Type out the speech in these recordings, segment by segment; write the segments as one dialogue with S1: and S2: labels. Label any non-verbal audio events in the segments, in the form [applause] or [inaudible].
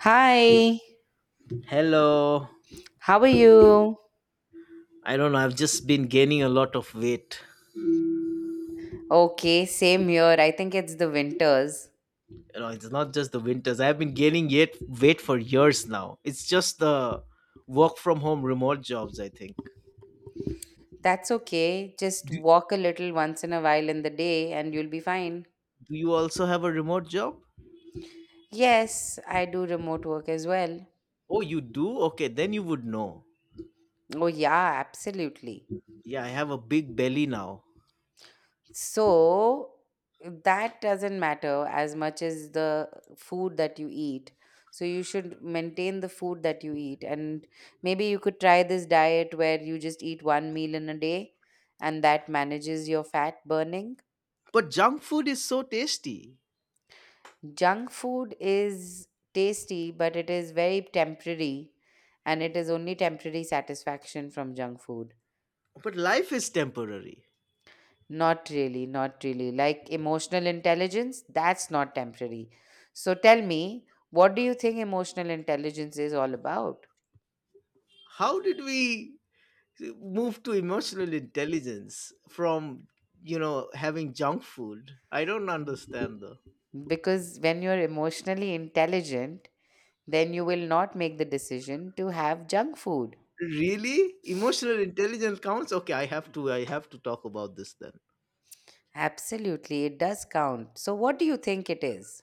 S1: Hi,
S2: Hello.
S1: how are you?
S2: I don't know. I've just been gaining a lot of weight.
S1: Okay, same here. I think it's the winters.
S2: You know, it's not just the winters. I've been gaining yet weight for years now. It's just the work from home remote jobs, I think.
S1: That's okay. Just
S2: Do,
S1: walk a little once in a while in the day and you'll be fine.
S2: do you also have a remote job?
S1: Yes, I do remote work as well.
S2: Oh, you do? Okay, then you would know.
S1: Oh, yeah, absolutely.
S2: Yeah, I have a big belly now.
S1: So that doesn't matter as much as the food that you eat. So you should maintain the food that you eat. And maybe you could try this diet where you just eat one meal in a day and that manages your fat burning.
S2: But junk food is so tasty.
S1: Junk food is tasty, but it is very temporary and it is only temporary satisfaction from junk food.
S2: But life is temporary.
S1: Not really, not really. Like emotional intelligence, that's not temporary. So tell me, what do you think emotional intelligence is all about?
S2: How did we move to emotional intelligence from having junk food? I don't understand though.
S1: Because when you're emotionally intelligent, then you will not make the decision to have junk food.
S2: Really? Emotional intelligence counts? Okay, I have to talk about this then.
S1: Absolutely, it does count. So, what do you think it is?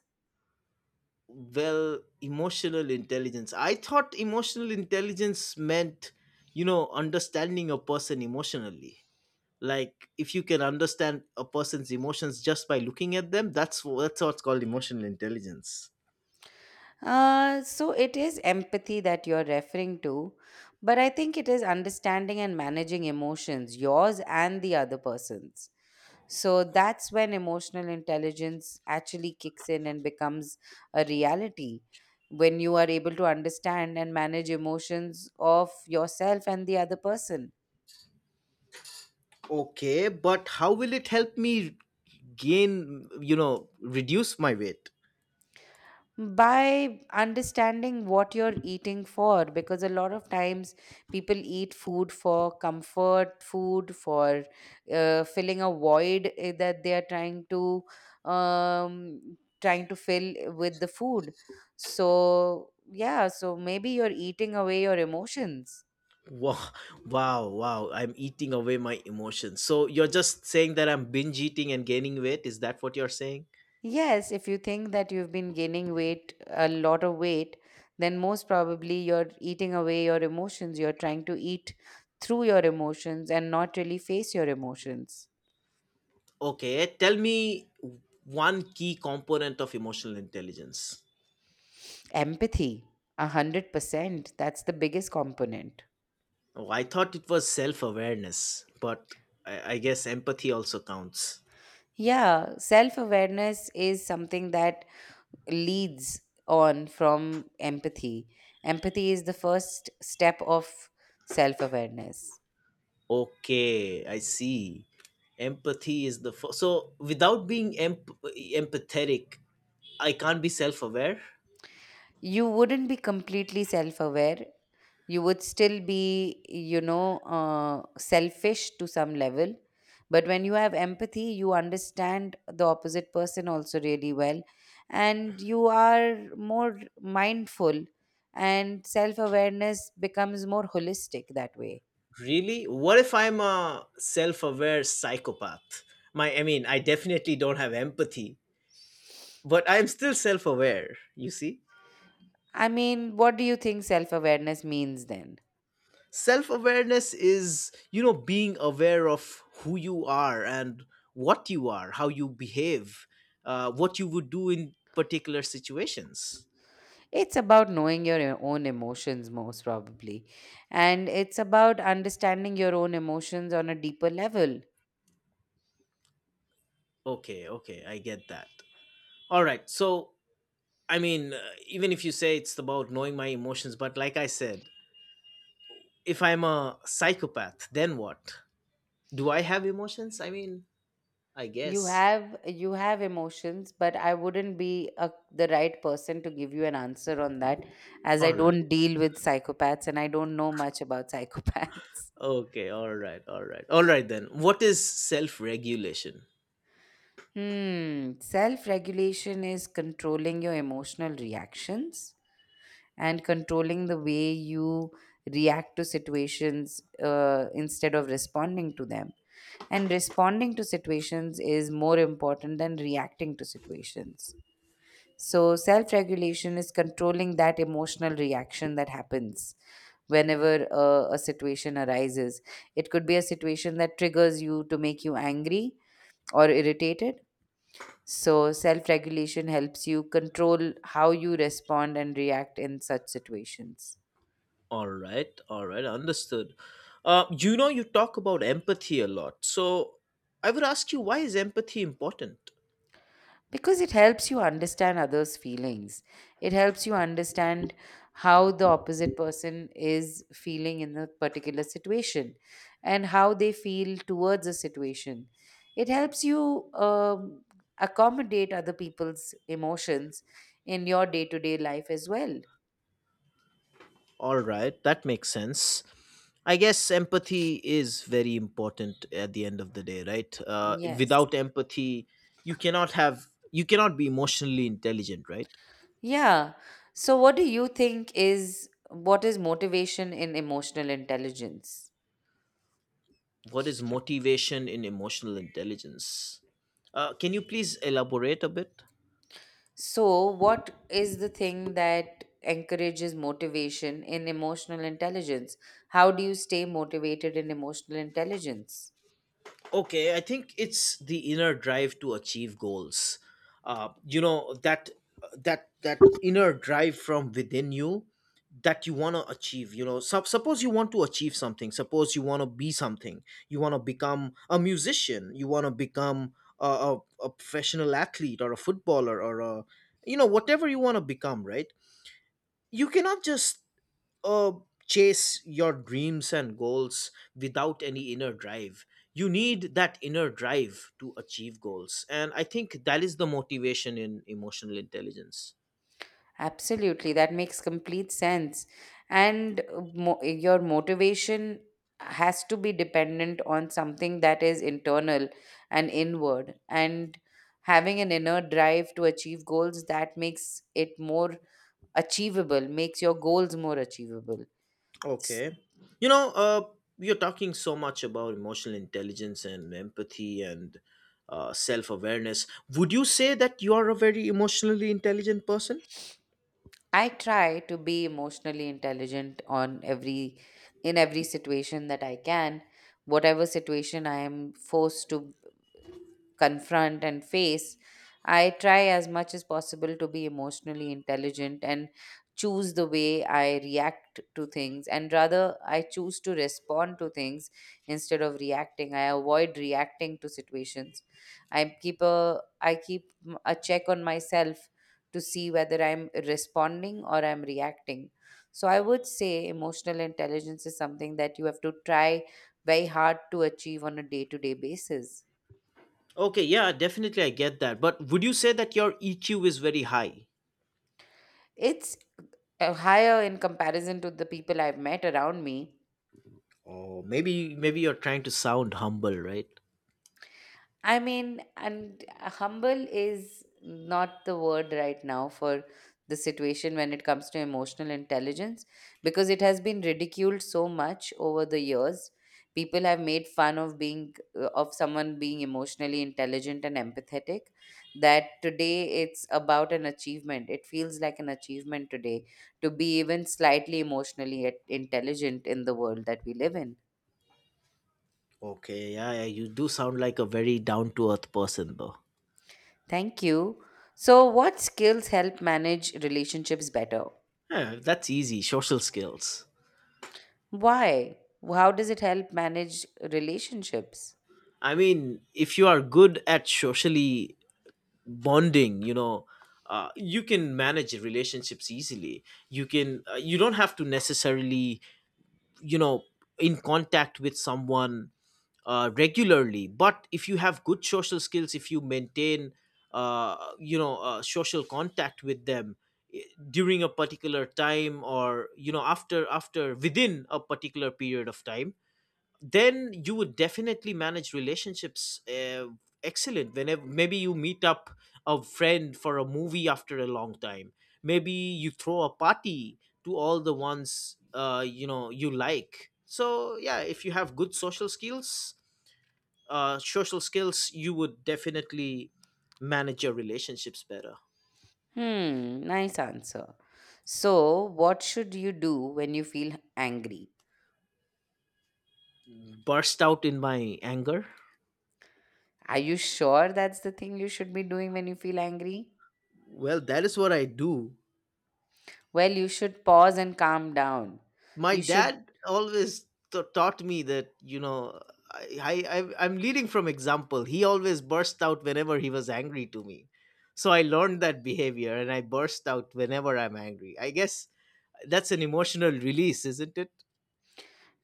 S2: Well, emotional intelligence. I thought emotional intelligence meant understanding a person emotionally. Like if you can understand a person's emotions just by looking at them, that's what's called emotional intelligence.
S1: So, it is empathy that you're referring to, but I think it is understanding and managing emotions, yours and the other person's. So that's when emotional intelligence actually kicks in and becomes a reality. When you are able to understand and manage emotions of yourself and the other person
S2: Okay, but how will it help me reduce my weight?
S1: by understanding what you're eating for, because a lot of times people eat food for comfort, food for filling a void, that they are trying to, trying to fill with the food. So yeah, so maybe you're eating away your emotions.
S2: Wow, [laughs] wow, wow. I'm eating away my emotions. So you're just saying that I'm binge eating and gaining weight? Is that what you're saying?
S1: Yes, if you think that you've been gaining weight, a lot of weight, then most probably you're eating away your emotions. You're trying to eat through your emotions and not really face your emotions.
S2: Okay, tell me one key component of emotional intelligence.
S1: Empathy, 100%. That's the biggest component.
S2: Oh, I thought it was self awareness, but I guess empathy also counts.
S1: Yeah, self awareness is something that leads on from empathy. Empathy is the first step of self awareness.
S2: Okay, I see. Empathy is the first. So without being empathetic, I can't be self aware?
S1: You wouldn't be completely self aware. You would still be, you know, selfish to some level. But when you have empathy, you understand the opposite person also really well. And you are more mindful, and self awareness becomes more holistic that way.
S2: Really? What if I'm a self aware psychopath? I mean, I definitely don't have empathy, but I'm still self aware, you see?
S1: I mean, what do you think self awareness means then?
S2: Self awareness is being aware of who you are and what you are, how you behave, what you would do in particular situations.
S1: It's about knowing your own emotions, most probably. And it's about understanding your own emotions on a deeper level.
S2: Okay, okay, I get that. All right, so, I mean, even if you say it's about knowing my emotions, but like I said, if I'm a psychopath, then what? Do I have emotions? I mean, I
S1: you
S2: guess.
S1: have you have emotions, but I wouldn't be a, the right person to give you an answer on that, as I
S2: All right.
S1: don't deal with psychopaths and I don't know much about psychopaths.
S2: Okay. All right. All right. All right then. What is self regulation?
S1: [laughs] Hmm, self regulation is controlling your emotional reactions and controlling the way you react to situations, instead of responding to them. And responding to situations is more important than reacting to situations. So, self regulation is controlling that emotional reaction that happens whenever a situation arises. It could be a situation that triggers you to make you angry or irritated. So, self regulation helps you control how you respond and react in such situations.
S2: All right. All right. Understood. You talk about empathy a lot. So I would ask you, why is empathy important?
S1: Because it helps you understand others feelings. It helps you understand how the opposite person is feeling in a particular situation and how they feel towards a situation. It helps you accommodate other people's emotions in your day-to-day life as well.
S2: All right. That makes sense. I guess empathy is very important at the end of the day, right?
S1: Yes.
S2: Without empathy, you cannot have, you cannot be emotionally intelligent, right?
S1: Yeah, so what do you think is, what is motivation in emotional intelligence?
S2: What is motivation in emotional intelligence? Can you please elaborate a bit?
S1: So, what is the thing that encourages motivation in emotional intelligence? How do you stay motivated in emotional intelligence?
S2: Okay, I think it's the inner drive to achieve goals. You know that inner drive from within you that you want to achieve. You know, suppose you want to achieve something. Suppose you want to be something. You want to become a musician. You want to become a, a, a professional athlete or a footballer or a you know whatever you want to become. Right? You cannot just uh, chase your dreams and goals without any inner drive. You need that inner drive to achieve goals. And I think that is the motivation in emotional intelligence.
S1: Absolutely, that makes complete sense. And your motivation has to be dependent on something that is internal and inward. And having an inner drive to achieve goals, that makes it more achievable, makes your goals more achievable.
S2: Okay. You know, uh, you're talking so much about emotional intelligence and empathy and self awareness. Would you say that you are a very emotionally intelligent person?
S1: I try to be emotionally intelligent on every, in every situation that I can. Whatever situation I am forced to confront and face, I try as much as possible to be emotionally intelligent and choose the way I react to things. And rather, I choose to respond to things instead of reacting. I avoid reacting to situations. I keep a check on myself to see whether I'm responding or I'm reacting. So I would say emotional intelligence is something that you have to try very hard to achieve on a day-to-day basis.
S2: Okay, yeah, definitely I get that. But would you say that your EQ is very high?
S1: It's higher in comparison to the people I've met around me.
S2: Oh, maybe you're trying to sound humble, right?
S1: I mean, and humble is not the word right now for the situation when it comes to emotional intelligence, because it has been ridiculed so much over the years. People have made fun of being of someone being emotionally intelligent and empathetic, that today it's about an achievement. It feels like an achievement today to be even slightly emotionally intelligent in the world that we live in.
S2: Okay, yeah, yeah, you do sound like a very down to earth person, though.
S1: Thank you. So, what skills help manage relationships better?
S2: Yeah, that's easy. Social skills.
S1: Why? How does it help manage relationships?
S2: I mean, if you are good at socially bonding, you can manage relationships easily. You can. You don't have to necessarily, you know, in contact with someone regularly, but if you have good social skills, if you maintain social contact with them i- during a particular time or after within a particular period of time, then you would definitely manage relationships excellent whenever maybe you meet up a friend for a movie after a long time, maybe you throw a party to all the ones you know you like. So yeah, if you have good social skills, social skills, you would definitely manage your relationships better.
S1: Hmm, nice answer. So, what should you do when you feel angry?
S2: Burst out in my anger.
S1: Are you sure that's the thing you should be doing when you feel angry?
S2: Well, that is what I do.
S1: Well, you should pause and calm down.
S2: My
S1: You should.
S2: dad always taught me that, you know, I'm leading from example. He always burst out whenever he was angry to me. So I learned that behavior and I burst out whenever I'm angry. I guess that's an emotional release, isn't it?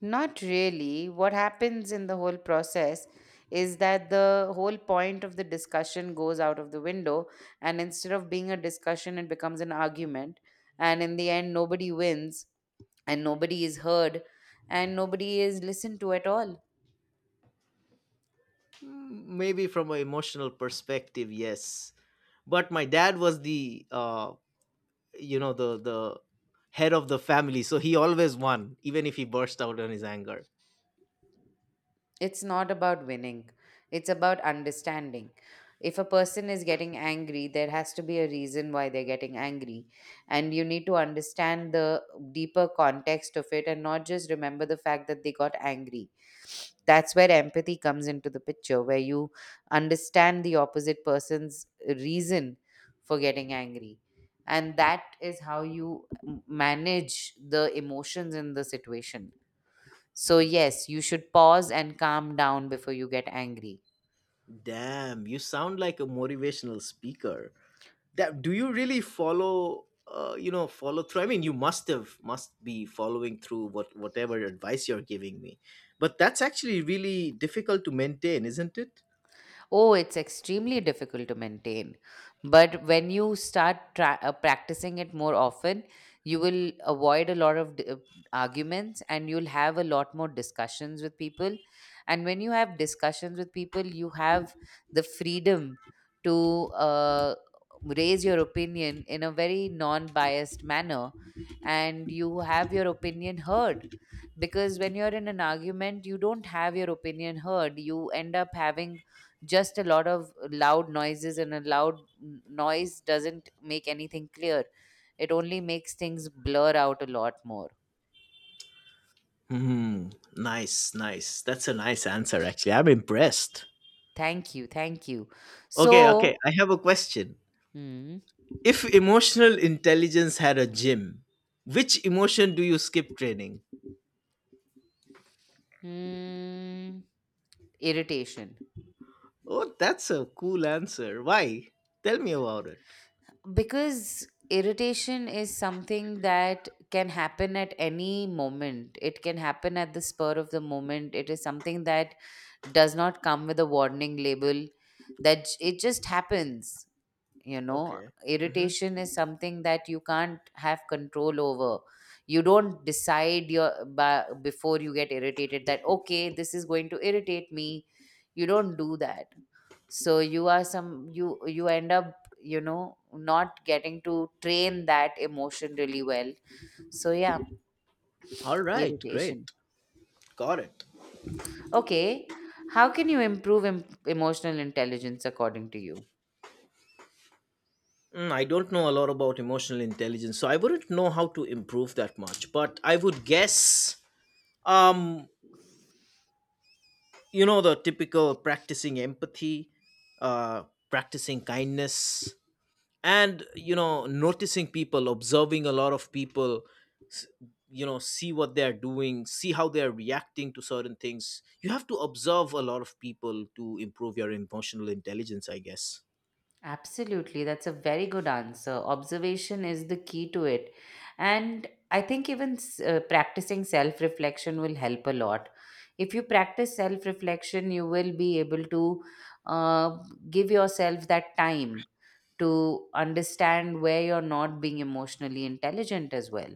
S1: Not really. What happens in the whole process is that the whole point of the discussion goes out of the window, and instead of being a discussion, it becomes an argument. And in the end, nobody wins, and nobody is heard, and nobody is listened to at all.
S2: Mm, maybe from an emotional perspective, yes, but my dad was the you know the the head of the family, so he always won even if he burst out on his anger.
S1: It's not about winning, it's about understanding. If a person is getting angry, there has to be a reason why they're getting angry, and you need to understand the deeper context of it and not just remember the fact that they got angry. That's where empathy comes into the picture, where you understand the opposite person's reason for getting angry, and that is how you manage the emotions in the situation. So, yes, you should pause and calm down before you get angry.
S2: Damn, you sound like a motivational speaker. That Do you really follow follow through? I mean, you must have must be following through whatever advice you're giving me, but that's actually really difficult to maintain, isn't it?
S1: Oh, it's extremely difficult to maintain. But when you start practicing it more often, you will avoid a lot of arguments, and you'll have a lot more discussions with people. And when you have discussions with people, you have the freedom to raise your opinion in a very non biased manner, and you have your opinion heard. Because when you're in an argument, you don't have your opinion heard. You end up having just a lot of loud noises, and a loud noise doesn't make anything clear. It only makes things blur out a lot more.
S2: Hmm. Nice, nice. That's a nice answer, actually. I'm impressed.
S1: Thank you, thank you.
S2: Okay, okay.
S1: So.
S2: I have a question.
S1: hmm,
S2: If emotional intelligence had a gym, which emotion do you skip training?
S1: hmm, irritation.
S2: Oh, that's a cool answer. Why? Tell me about it.
S1: Because irritation is something that can happen at any moment. It can happen at the spur of the moment. It is something that does not come with a warning label, that it just happens, you know.
S2: Okay. Mm-hmm.
S1: Irritation is something that you can't have control over. You don't decide your before you get irritated, that okay, this is going to irritate me. You don't do that. So you are some, you end up, you know, not getting to train that emotion really well. So yeah.
S2: All right. Great.
S1: Irritation.
S2: Got it.
S1: Okay. How can you improve emotional intelligence according to you?
S2: I don't know a lot about emotional intelligence, so I wouldn't know how to improve that much. But I would guess, um, the typical practicing empathy, uh, practicing kindness, and noticing people, observing a lot of people, s- see what they're doing, see how they're reacting to certain things. You have to observe a lot of people to improve your emotional intelligence, I guess.
S1: Absolutely, that's a very good answer. Observation is the key to it. And I think even practicing self reflection will help a lot. If you practice self reflection, you will be able to, uh, give yourself that time to understand where you're not being emotionally intelligent as well.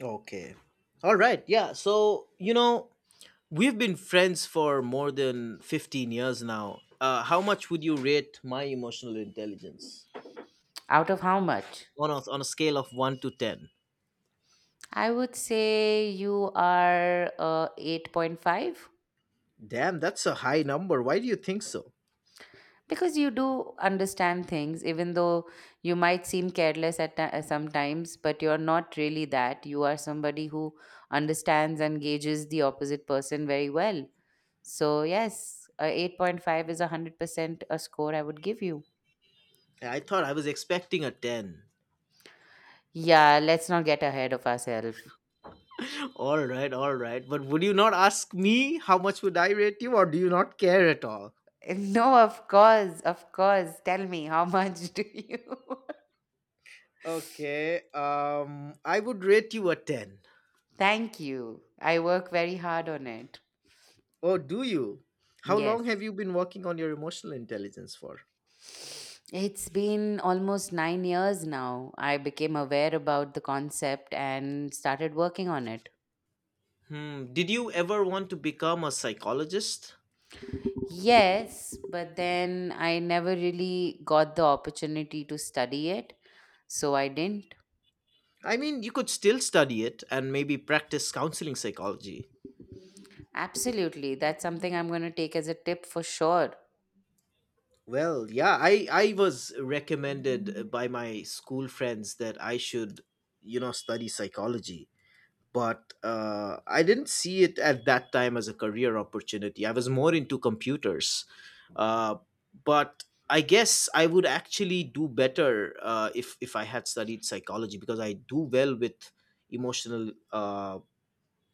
S2: Okay. All right, yeah, so you know we've been friends for more than 15 years now, how much would you rate my emotional intelligence
S1: Out of how much?
S2: on a scale of 1 to 10?
S1: I would say you are 8.5.
S2: Damn, that's a high number. Why do you think so?
S1: Because you do understand things, even though you might seem careless at sometimes, but you're not really that. You are somebody who understands and gauges the opposite person very well. So yes, a 8.5 is a 100% a score I would give you.
S2: I thought I was expecting a 10.
S1: Yeah, let's not get ahead of ourselves.
S2: All right, all right. But would you not ask me how much would I rate you, or do you not care at all?
S1: [laughs] No, of course, tell me, how [laughs] much do you? [laughs]
S2: Okay, I would rate you a 10.
S1: Thank you. I work very hard on it.
S2: Oh, do you? How
S1: Yes.
S2: long have you been working on your emotional intelligence for?
S1: It's been almost 9 years now. I became aware about the concept and started working on it.
S2: Did you ever want to become a psychologist?
S1: Yes, but then I never really got the opportunity to study it, so I didn't.
S2: I mean, you could still study it and maybe practice counseling psychology.
S1: Absolutely, that's something I'm going to take as a tip for sure.
S2: Well, yeah, I was recommended by my school friends that I should study psychology, but I didn't see it at that time as a career opportunity. I was more into computers. Uh, but I guess I would actually do better if I had studied psychology because I do well with emotional uh,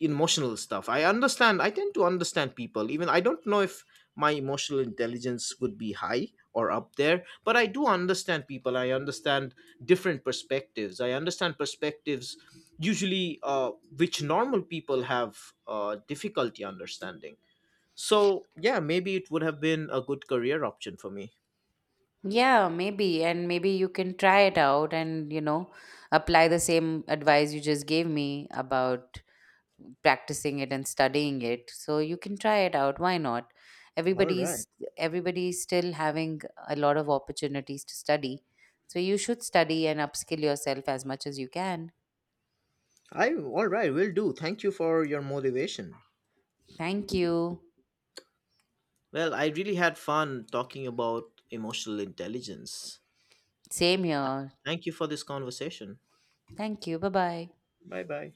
S2: emotional stuff. I understand. I tend to understand people. Even I don't know if my emotional intelligence would be high or up there, but I do understand people. I understand different perspectives. I understand perspectives usually, which normal people have difficulty understanding. So yeah, maybe it would have been a good career option for me.
S1: Yeah, maybe, and maybe you can try it out and, you know, apply the same advice you just gave me about practicing it and studying it, so you can try it out, why not.
S2: All right.
S1: Everybody's everybody's still having a lot of opportunities to study. So you should study and upskill yourself as much as you can.
S2: I All right, will do. Thank you for your motivation.
S1: Thank you.
S2: Well, I really had fun talking about emotional intelligence.
S1: Same here.
S2: Thank you for this conversation.
S1: Thank you, bye bye.
S2: Bye bye.